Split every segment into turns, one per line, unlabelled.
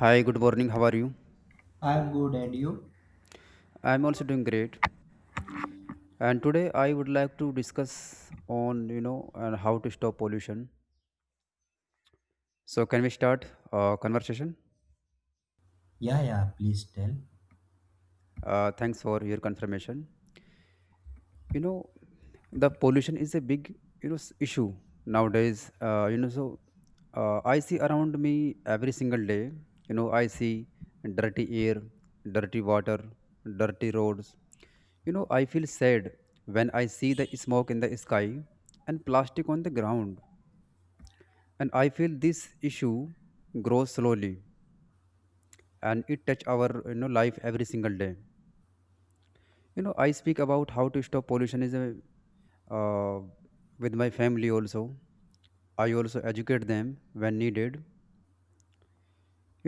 Hi, good morning. How are you?
I'm good, and you?
I'm also doing great. And today I would like to discuss on and how to stop pollution. So can we start conversation?
Yeah, yeah, please tell.
Thanks for your confirmation. You know the pollution is a big issue nowadays. So I see around me every single day. I see dirty air, dirty water, dirty roads. I feel sad when I see the smoke in the sky and plastic on the ground, and I feel this issue grows slowly, and it touch our life every single day. I speak about how to stop pollution is a, uh, with my family also. I also educate them when needed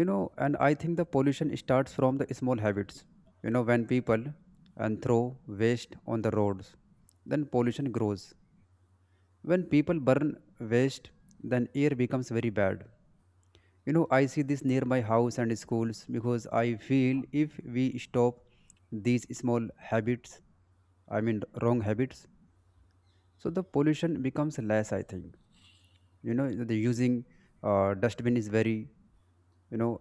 you know and I think the pollution starts from the small habits. When people and throw waste on the roads, then pollution grows. When people burn waste, then air becomes very bad. I see this near my house and schools because I feel if we stop these small habits, I mean wrong habits, so the pollution becomes less, I think. The using dustbin is very you know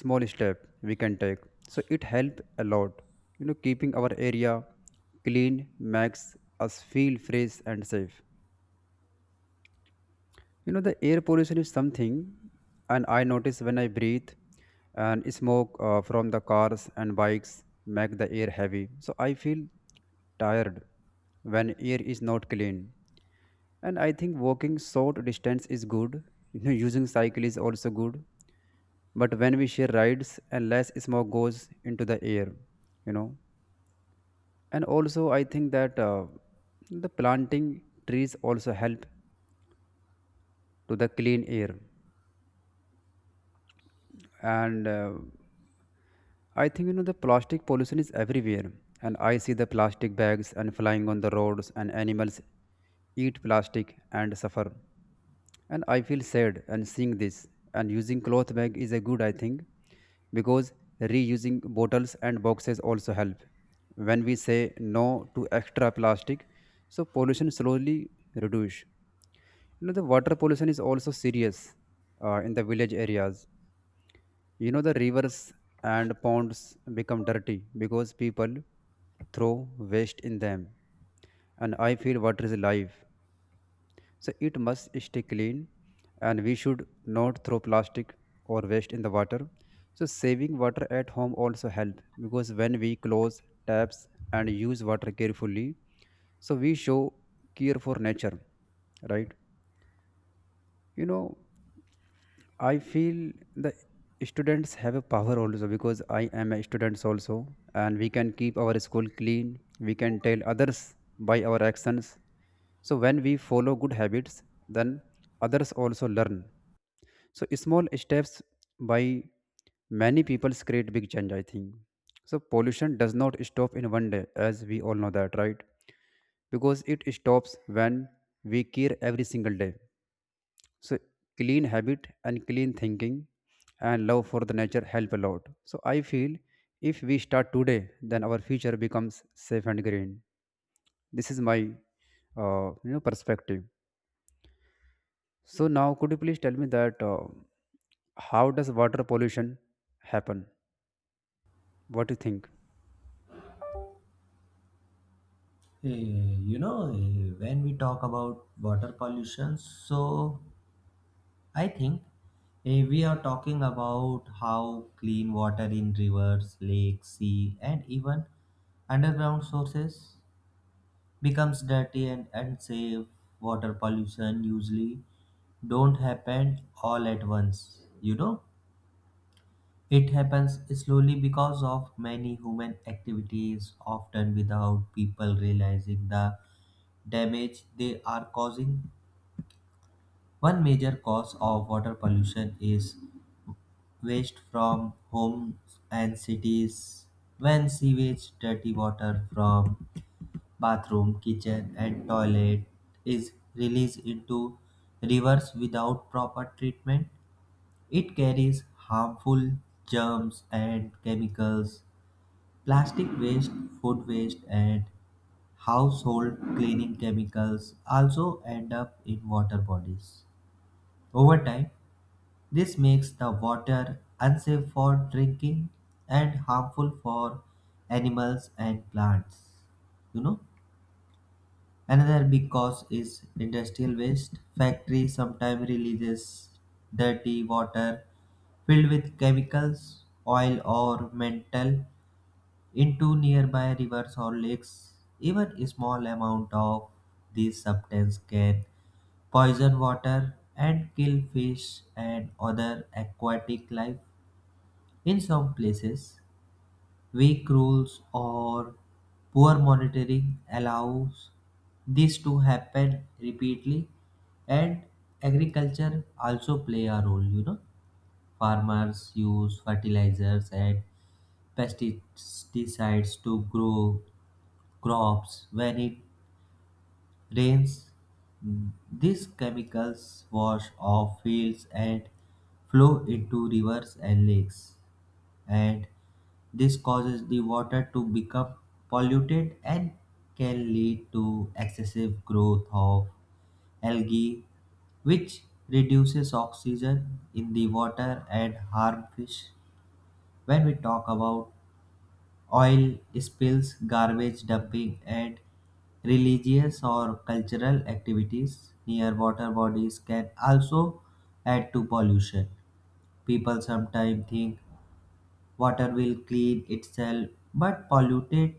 small step we can take, so it help a lot. Keeping our area clean makes us feel fresh and safe. The air pollution is something, and I notice when I breathe, and smoke from the cars and bikes make the air heavy, so I feel tired when air is not clean. And I think walking short distance is good. Using cycle is also good. But when we share rides and less smoke goes into the air, you know. And also, I think that the planting trees also help to the clean air. And I think the plastic pollution is everywhere. And I see the plastic bags and flying on the roads, and animals eat plastic and suffer. And I feel sad and seeing this. And using cloth bag is a good, I think, because reusing bottles and boxes also help when we say no to extra plastic, so pollution slowly reduce. The water pollution is also serious in the village areas. The rivers and ponds become dirty because people throw waste in them. And I feel water is life, so it must stay clean, and we should not throw plastic or waste in the water. So saving water at home also help because when we close taps and use water carefully, so we show care for nature, right? You know, I feel the students have a power also because I am a student also, and we can keep our school clean. We can tell others by our actions. So when we follow good habits, then others also learn. So small steps by many people create big change, I think. So pollution does not stop in one day, as we all know that, right? Because it stops when we care every single day. So clean habit and clean thinking and love for the nature help a lot. So I feel if we start today, then our future becomes safe and green. This is my perspective. So now could you please tell me that how does water pollution happen? What do you think?
When we talk about water pollution, I think we are talking about how clean water in rivers, lakes, sea, and even underground sources becomes dirty and unsafe. Water pollution usually don't happen all at once, you know. It happens slowly because of many human activities, often without people realizing the damage they are causing. One major cause of water pollution is waste from homes and cities. When sewage, dirty water from bathroom, kitchen, and toilet is released into rivers without proper treatment, it carries harmful germs and chemicals. Plastic waste, food waste, and household cleaning chemicals also end up in water bodies. Over time, this makes the water unsafe for drinking and harmful for animals and plants. You know, another big cause is industrial waste. Factories sometimes releases dirty water filled with chemicals, oil, or metal into nearby rivers or lakes. Even a small amount of this substance can poison water and kill fish and other aquatic life. In some places, weak rules or poor monitoring allows this to happen repeatedly, and agriculture also play a role, you know. Farmers use fertilizers and pesticides to grow crops. When it rains, these chemicals wash off fields and flow into rivers and lakes. And this causes the water to become polluted and can lead to excessive growth of algae, which reduces oxygen in the water and harm fish. When we talk about oil spills, garbage dumping, and religious or cultural activities near water bodies can also add to pollution. People sometimes think water will clean itself, but polluted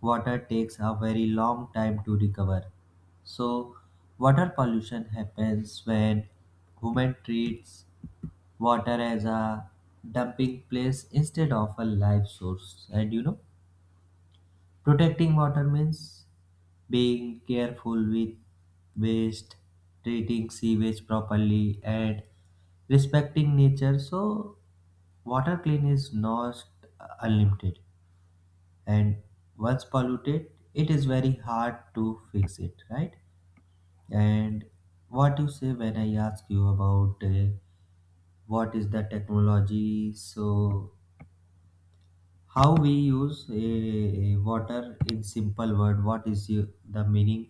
water takes a very long time to recover. So, water pollution happens when human treats water as a dumping place instead of a life source. And you know, protecting water means being careful with waste, treating sewage properly, and respecting nature. So, water clean is not unlimited, and once polluted, it is very hard to fix it, right? And what you say when I ask you about what is the technology? So, how we use water in simple word, what is the meaning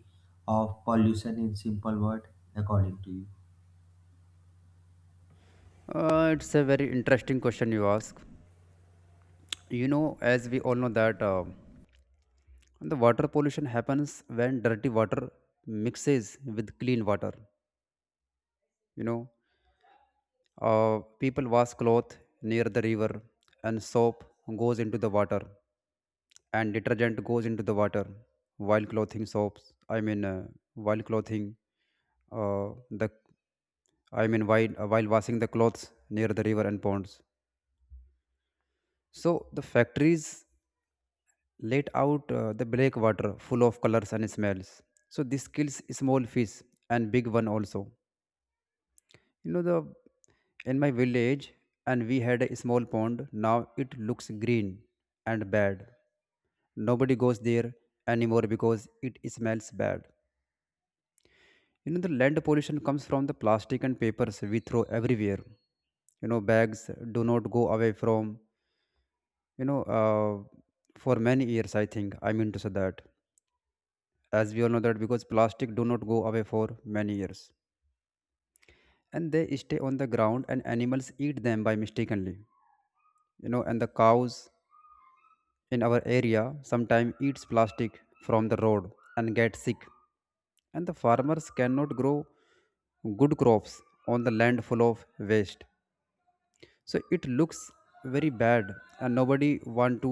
of pollution in simple word according to you?
It's a very interesting question you ask. As we all know that the water pollution happens when dirty water mixes with clean water. You know, People wash cloth near the river, and soap goes into the water, and detergent goes into the water. While clothing soaps, I mean, while clothing, the I mean, while washing the clothes near the river and ponds. So the factories let out the black water full of colors and smells. So this kills small fish and big one also. You know the In my village, and we had a small pond. Now it looks green and bad. Nobody goes there anymore because it smells bad. The land pollution comes from the plastic and papers we throw everywhere. Bags do not go away from you know uh, for many years, I think. I mean to say that, as we all know that, because plastic do not go away for many years, and they stay on the ground and animals eat them by mistakenly. And the cows in our area sometimes eats plastic from the road and get sick. And the farmers cannot grow good crops on the land full of waste, so it looks very bad, and nobody want to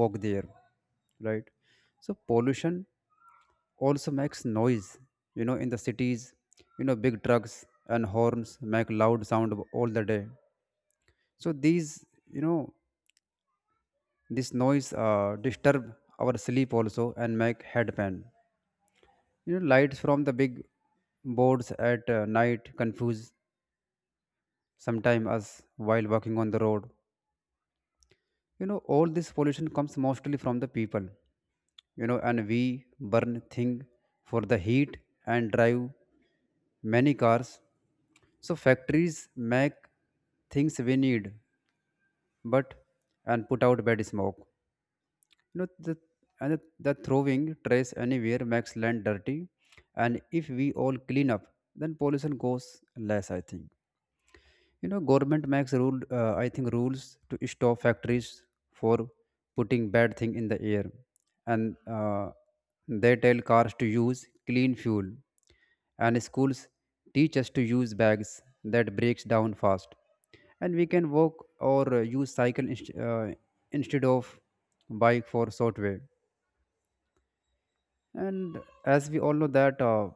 walk there, right? So pollution also makes noise. In the cities, big trucks and horns make loud sound all the day. So these you know this noise disturb our sleep also and make head pain. Lights from the big boards at night confuse sometime us while walking on the road. All this pollution comes mostly from the people. And we burn thing for the heat and drive many cars. So factories make things we need, but and put out bad smoke. You know, the, and the throwing trash anywhere makes land dirty. And if we all clean up, then pollution goes less, I think. Government makes rule, I think, rules to stop factories for putting bad thing in the air. And they tell cars to use clean fuel. And schools teach us to use bags that breaks down fast. And we can walk or use cycle instead of bike for short way. And as we all know that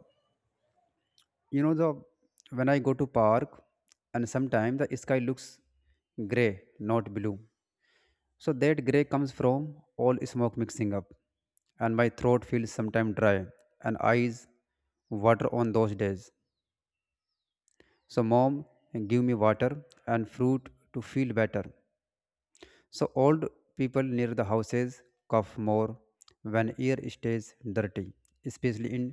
you know the when I go to park and sometimes the sky looks gray not blue, so that gray comes from all smoke mixing up, and my throat feels sometimes dry and eyes water on those days. So mom give me water and fruit to feel better. So old people near the houses cough more when air stays dirty, especially in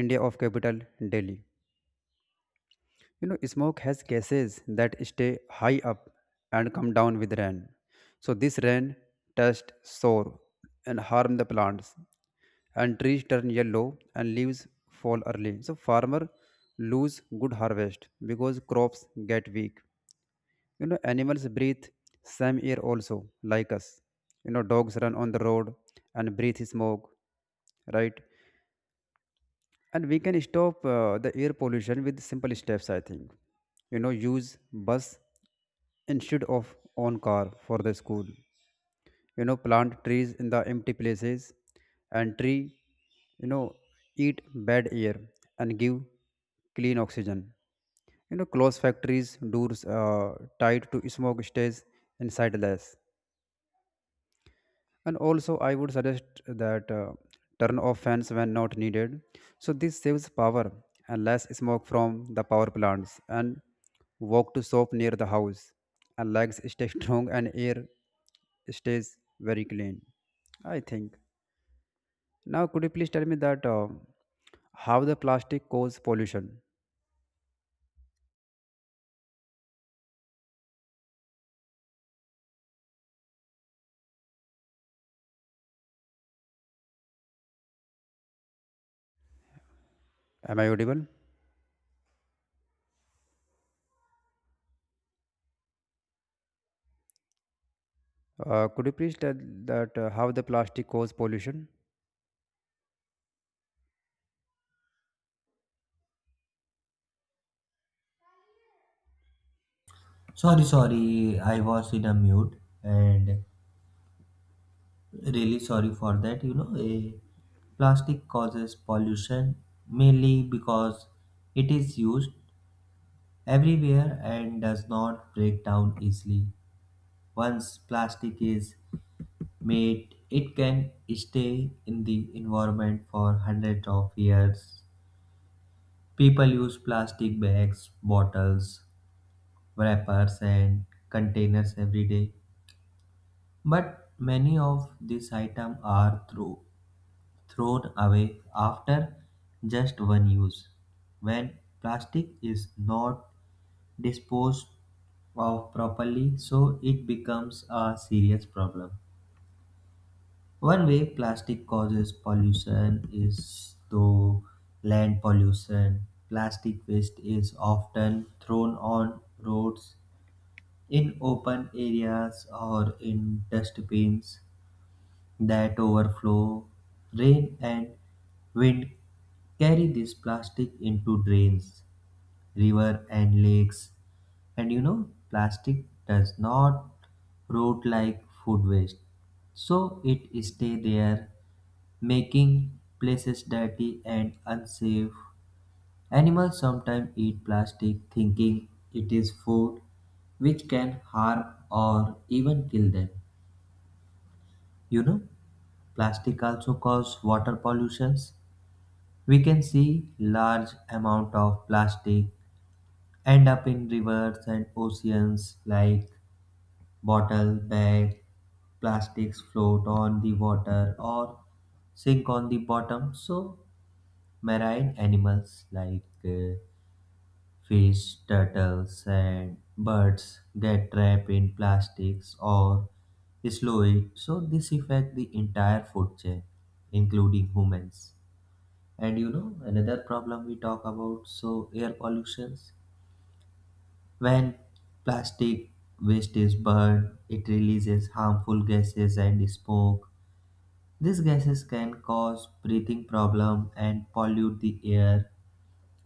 India of capital Delhi. Smoke has gases that stay high up and come down with rain. So this rain touched soil and harm the plants, and trees turn yellow and leaves fall early. So farmer lose good harvest because crops get weak. Animals breathe same air also like us. Dogs run on the road and breathe smoke, right? And we can stop the air pollution with simple steps, I think. Use bus instead of own car for the school. Plant trees in the empty places. And tree, you know eat bad air and give clean oxygen. Close factories doors, tied to smoke stays inside less. And also I would suggest that turn off fans when not needed, so this saves power and less smoke from the power plants. And walk to shop near the house, and legs stay strong and air stays very clean, I think. Now could you please tell me that how the plastic cause pollution? Am I audible? Could you please tell that how the plastic cause pollution?
Sorry, sorry, I was in a mute, and really sorry for that. You know, plastic causes pollution mainly because it is used everywhere and does not break down easily. Once plastic is mate, it can stay in the environment for hundreds of years. People use plastic bags, bottles, wrappers and containers every day, but many of these items are thrown away after just one use. When plastic is not disposed of properly, so it becomes a serious problem. One way plastic causes pollution is through land pollution. Plastic waste is often thrown on roads, in open areas, or in dustbins that overflow. Rain and wind carry this plastic into drains, river, and lakes. And you know, plastic does not rot like food waste, so it stay there, making places dirty and unsafe. Animals sometimes eat plastic thinking it is food, which can harm or even kill them. You know, plastic also causes water pollutions. We can see large amount of plastic end up in rivers and oceans. Like bottle, bag, plastics float on the water or sink on the bottom. So marine animals like fish, turtles, and birds get trapped in plastics or slow it. So this affects the entire food chain, including humans. And you know, another problem we talk about, so air pollutions. When plastic waste is burned, it releases harmful gases and smoke. These gases can cause breathing problem and pollute the air.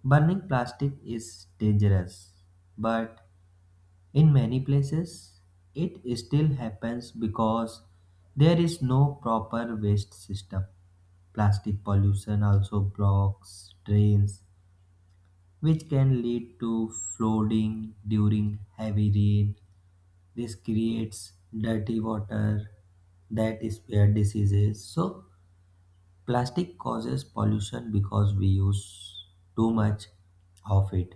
Burning plastic is dangerous, but in many places it still happens because there is no proper waste system. Plastic pollution also blocks drains, which can lead to flooding during heavy rain. This creates dirty water that is where diseases. So, plastic causes pollution because we use too much of it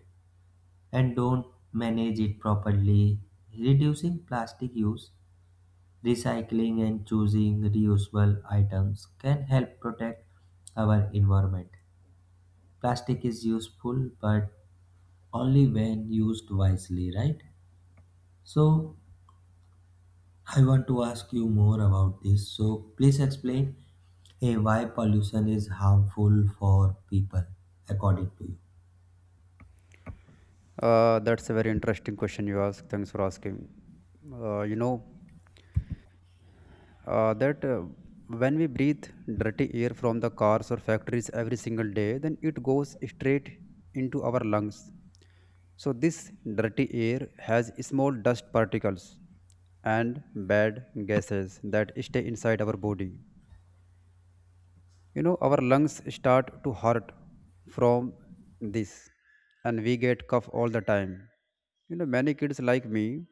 and don't manage it properly. Reducing plastic use, recycling, and choosing reusable items can help protect our environment. Plastic is useful, but only when used wisely, right? So, I want to ask you more about this. So, please explain, hey, why pollution is harmful for people, according to you.
That's a very interesting question you ask. Thanks for asking. You know, that When we breathe dirty air from the cars or factories every single day, then it goes straight into our lungs. So, this dirty air has small dust particles and bad gases that stay inside our body. Our lungs start to hurt from this, and we get cough all the time. Many kids like me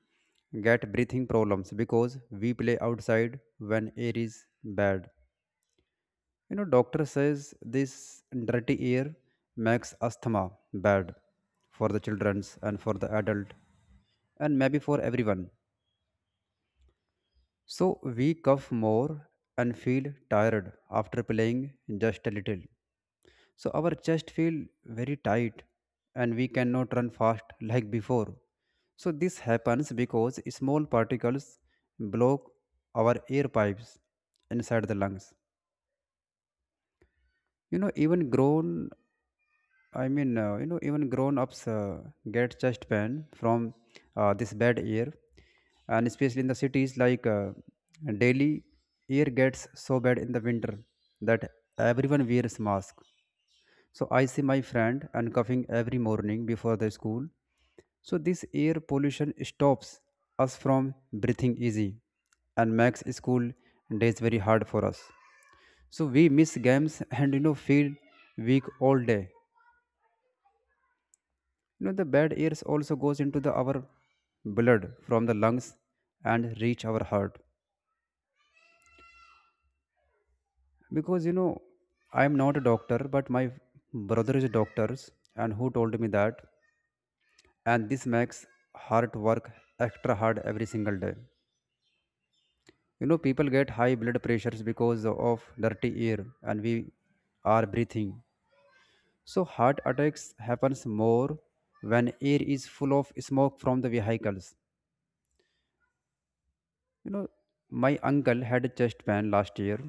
get breathing problems because we play outside when air is bad. Doctor says this dirty air makes asthma bad for the childrens and for the adult, and maybe for everyone. So we cough more and feel tired after playing just a little. So our chest feel very tight, and we cannot run fast like before. So this happens because small particles block our air pipes inside the lungs. Even grown I mean, you know, even grown-ups get chest pain from this bad air, and especially in the cities like Delhi, air gets so bad in the winter that everyone wears mask. So I see my friend and coughing every morning before the school. So this air pollution stops us from breathing easy and makes school days very hard for us. So we miss games and feel weak all day. The bad air also goes into the our blood from the lungs and reach our heart. Because I am not a doctor, but my brother is a doctor, and who told me that. And this makes heart work extra hard every single day. People get high blood pressures because of dirty air, and we are breathing. So heart attacks happens more when air is full of smoke from the vehicles. You know, my uncle had a chest pain last year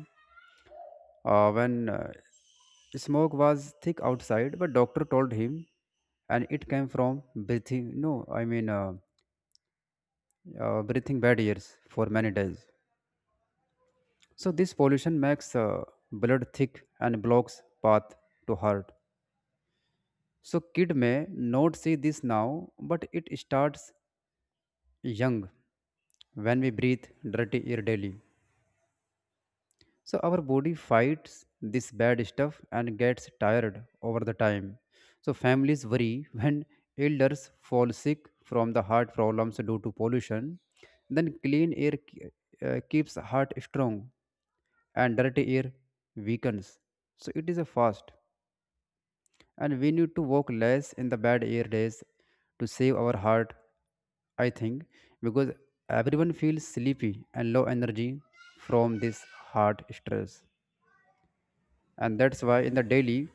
when smoke was thick outside but doctor told him and it came from breathing no I mean breathing barriers for many days. So this pollution makes blood thick and blocks path to heart. So kid may not see this now but it starts young when we breathe dirty air daily. So our body fights this bad stuff and gets tired over the time. So families worry when elders fall sick from the heart problems due to pollution. Then clean air keeps heart strong and dirty air weakens. So it is a fast and we need to walk less in the bad air days to save our heart, I think, because everyone feels sleepy and low energy from this heart stress. And that's why in the daily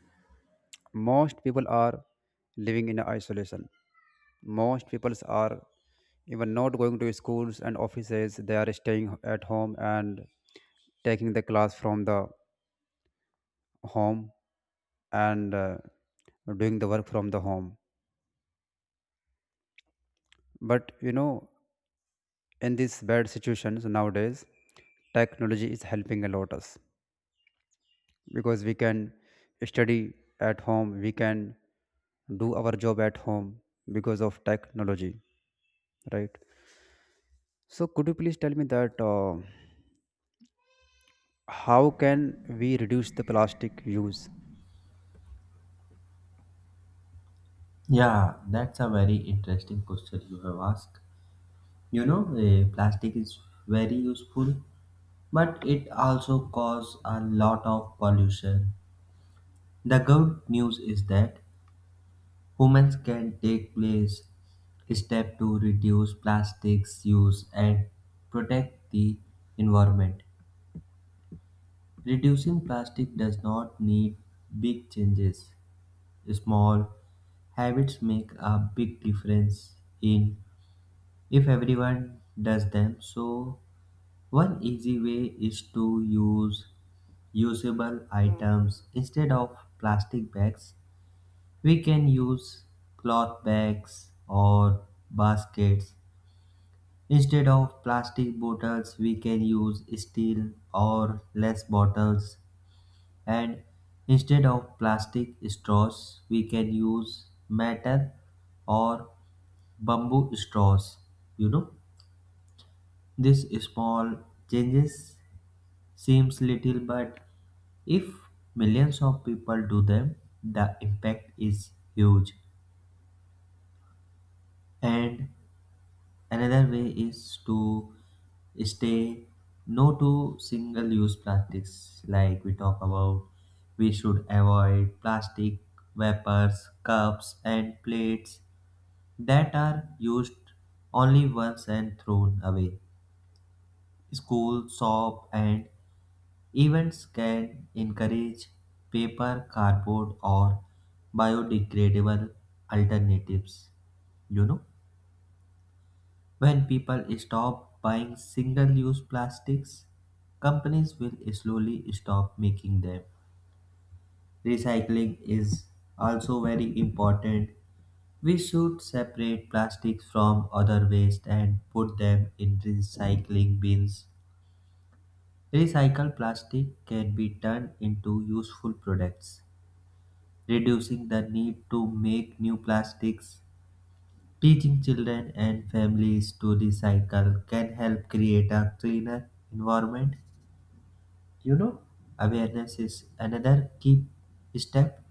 most people are living in isolation, most people are even not going to schools and offices. They are staying at home and taking the class from the home, and doing the work from the home. But you know, in these bad situations nowadays technology is helping a lot us, because we can study at home, we can do our job at home because of technology, right? So could you please tell me that how can we reduce the plastic use?
Yeah, that's a very interesting question you have asked. You know, plastic is very useful, but it also causes a lot of pollution. The good news is that humans can take place step to reduce plastics use and protect the environment. Reducing plastic does not need big changes. Small habits make a big difference in if everyone does them. So one easy way is to use usable items instead of plastic bags. We can use cloth bags or baskets. Instead of plastic bottles, we can use steel or less bottles. And instead of plastic straws, we can use metal or bamboo straws. You know, these small changes seems little, but if millions of people do them, the impact is huge. And another way is to stay no to single use plastics, like we talk about. We should avoid plastic wrappers, cups, and plates that are used only once and thrown away. School, shop, and events can encourage paper, cardboard, or biodegradable alternatives. You know, when people stop buying single use plastics, companies will slowly stop making them. Recycling is also very important. We should separate plastics from other waste and put them in recycling bins. Recycled plastic can be turned into useful products, reducing the need to make new plastics. Teaching children and families to recycle can help create a cleaner environment. Awareness is another key step.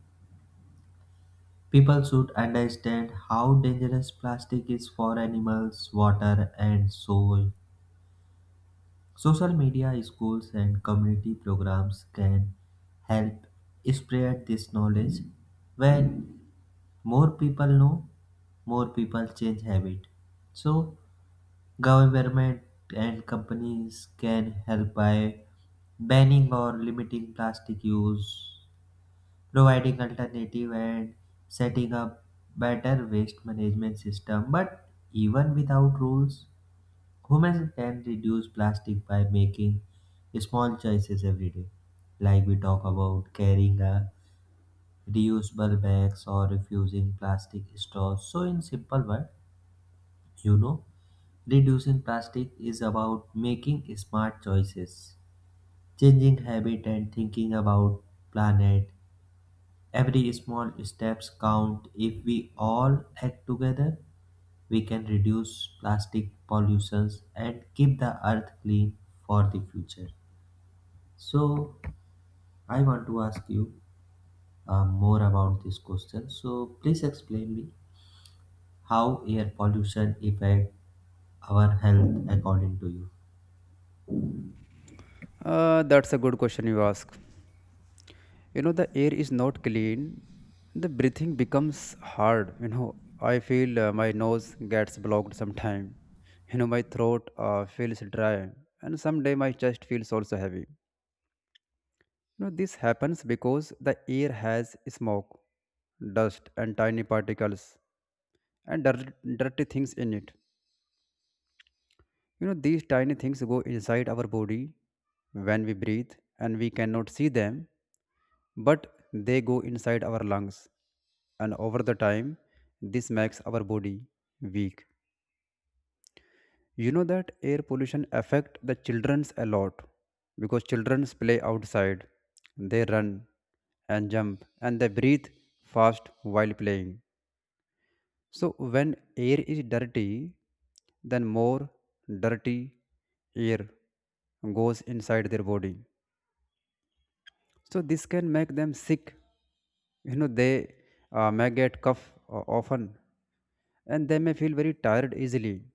People should understand how dangerous plastic is for animals, water, and soil. Social media, schools, and community programs can help spread this knowledge. When more people know, more people change habit. So government and companies can help by banning or limiting plastic use, providing alternative and setting up better waste management system. But even without rules, humans can reduce plastic by making small choices every day. Like we talk about carrying a reusable bags or refusing plastic straws. So, in simple word, you know, reducing plastic is about making smart choices, changing habit, and thinking about planet. Every small steps count. If we all act together, we can reduce plastic pollutions and keep the earth clean for the future. So, I want to ask you more about this question. So, please explain me, how air pollution affect our health according to you.
That's a good question you ask. You know, the air is not clean, the breathing becomes hard. You know, I feel my nose gets blocked sometime. You know, my throat feels dry, and someday my chest feels also heavy. You know, this happens because the air has smoke, dust and tiny particles and dirty things in it. You know, these tiny things go inside our body when we breathe, and we cannot see them, but they go inside our lungs. And over the time, this makes our body weak. You know that air pollution affect the childrens a lot because childrens play outside, they run and jump, and they breathe fast while playing. So when air is dirty, then more dirty air goes inside their body. So this can make them sick. You know they may get cough often, and they may feel very tired easily.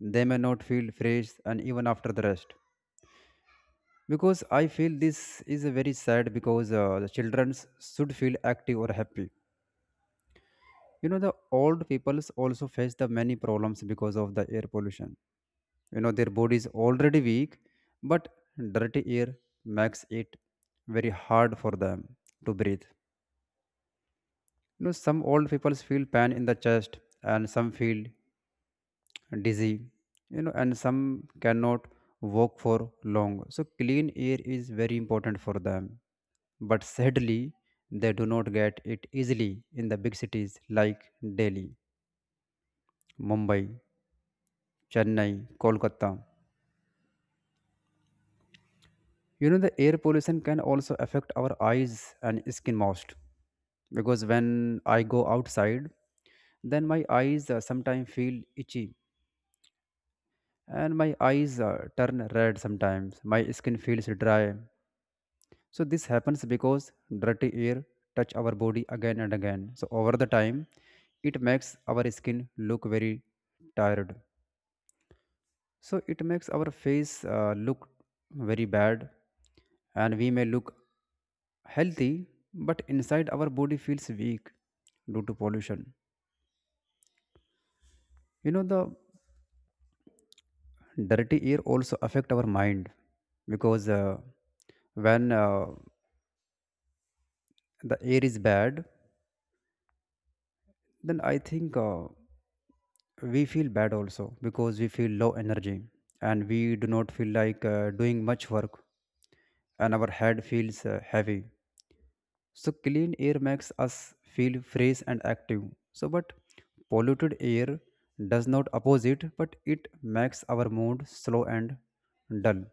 They may not feel fresh, and even after the rest. Because I feel this is very sad because the children should feel active or happy. You know the old peoples also face the many problems because of the air pollution. You know, their body is already weak, but dirty air makes it very hard for them to breathe. You know, some old people feel pain in the chest, and some feel dizzy. You know, and some cannot walk for long. So clean air is very important for them, but sadly they do not get it easily in the big cities like Delhi, Mumbai, Chennai, Kolkata. You know, the air pollution can also affect our eyes and skin most, because when I go outside, then my eyes sometimes feel itchy, and my eyes turn red sometimes. My skin feels dry. So this happens because dirty air touch our body again and again. So over the time, it makes our skin look very tired. So it makes our face look very bad, and we may look healthy, but inside our body feels weak due to pollution. You know, the dirty air also affect our mind, because when the air is bad, then I think we feel bad also, because we feel low energy and we do not feel like doing much work, and our head feels heavy. So clean air makes us feel fresh and active. So but polluted air does not oppose it, but it makes our mood slow and dull.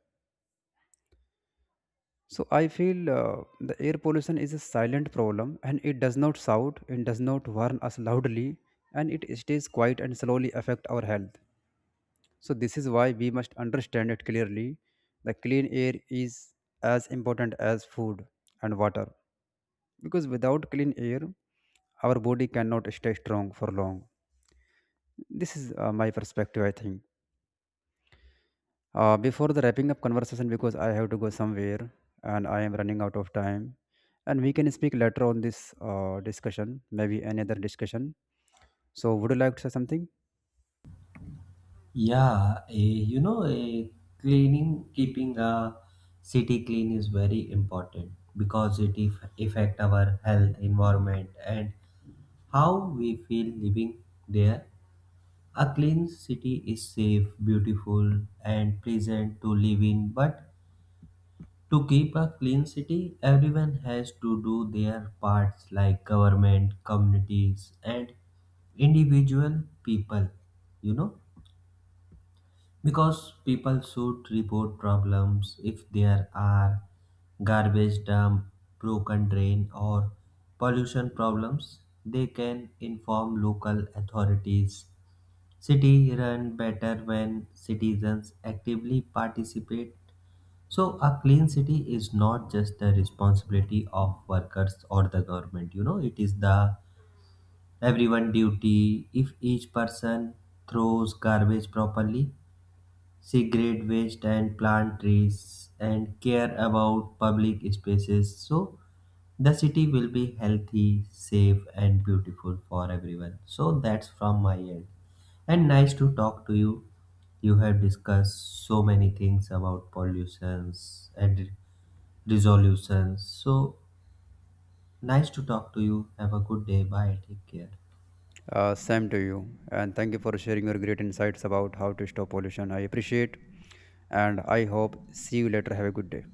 So I feel the air pollution is a silent problem, and it does not shout, it does not warn us loudly, and it stays quiet and slowly affect our health. So this is why we must understand it clearly. The clean air is as important as food and water, because without clean air our body cannot stay strong for long. This is my perspective, I think. Before the wrapping up conversation, because I have to go somewhere and I am running out of time, and we can speak later on this discussion, maybe another discussion. So, would you like to say something?
Yeah, you know, cleaning, keeping a city clean is very important because it if, affect our health, environment and how we feel living there. A clean city is safe, beautiful and pleasant to live in. But to keep a clean city, everyone has to do their parts like government, communities, and individual people, you know, because people should report problems. If there are garbage dump, broken drain, or pollution problems, they can inform local authorities. City run better when citizens actively participate. So, a clean city is not just the responsibility of workers or the government, you know, it is the everyone duty. If each person throws garbage properly, segregate waste and plant trees and care about public spaces, so the city will be healthy, safe and beautiful for everyone. So that's from my end. And nice to talk to you. You have discussed so many things about pollutions and resolutions. So nice to talk to you. Have a good day. Bye. Take care.
Same to you, and thank you for sharing your great insights about how to stop pollution. I appreciate, and I hope see you later. Have a good day.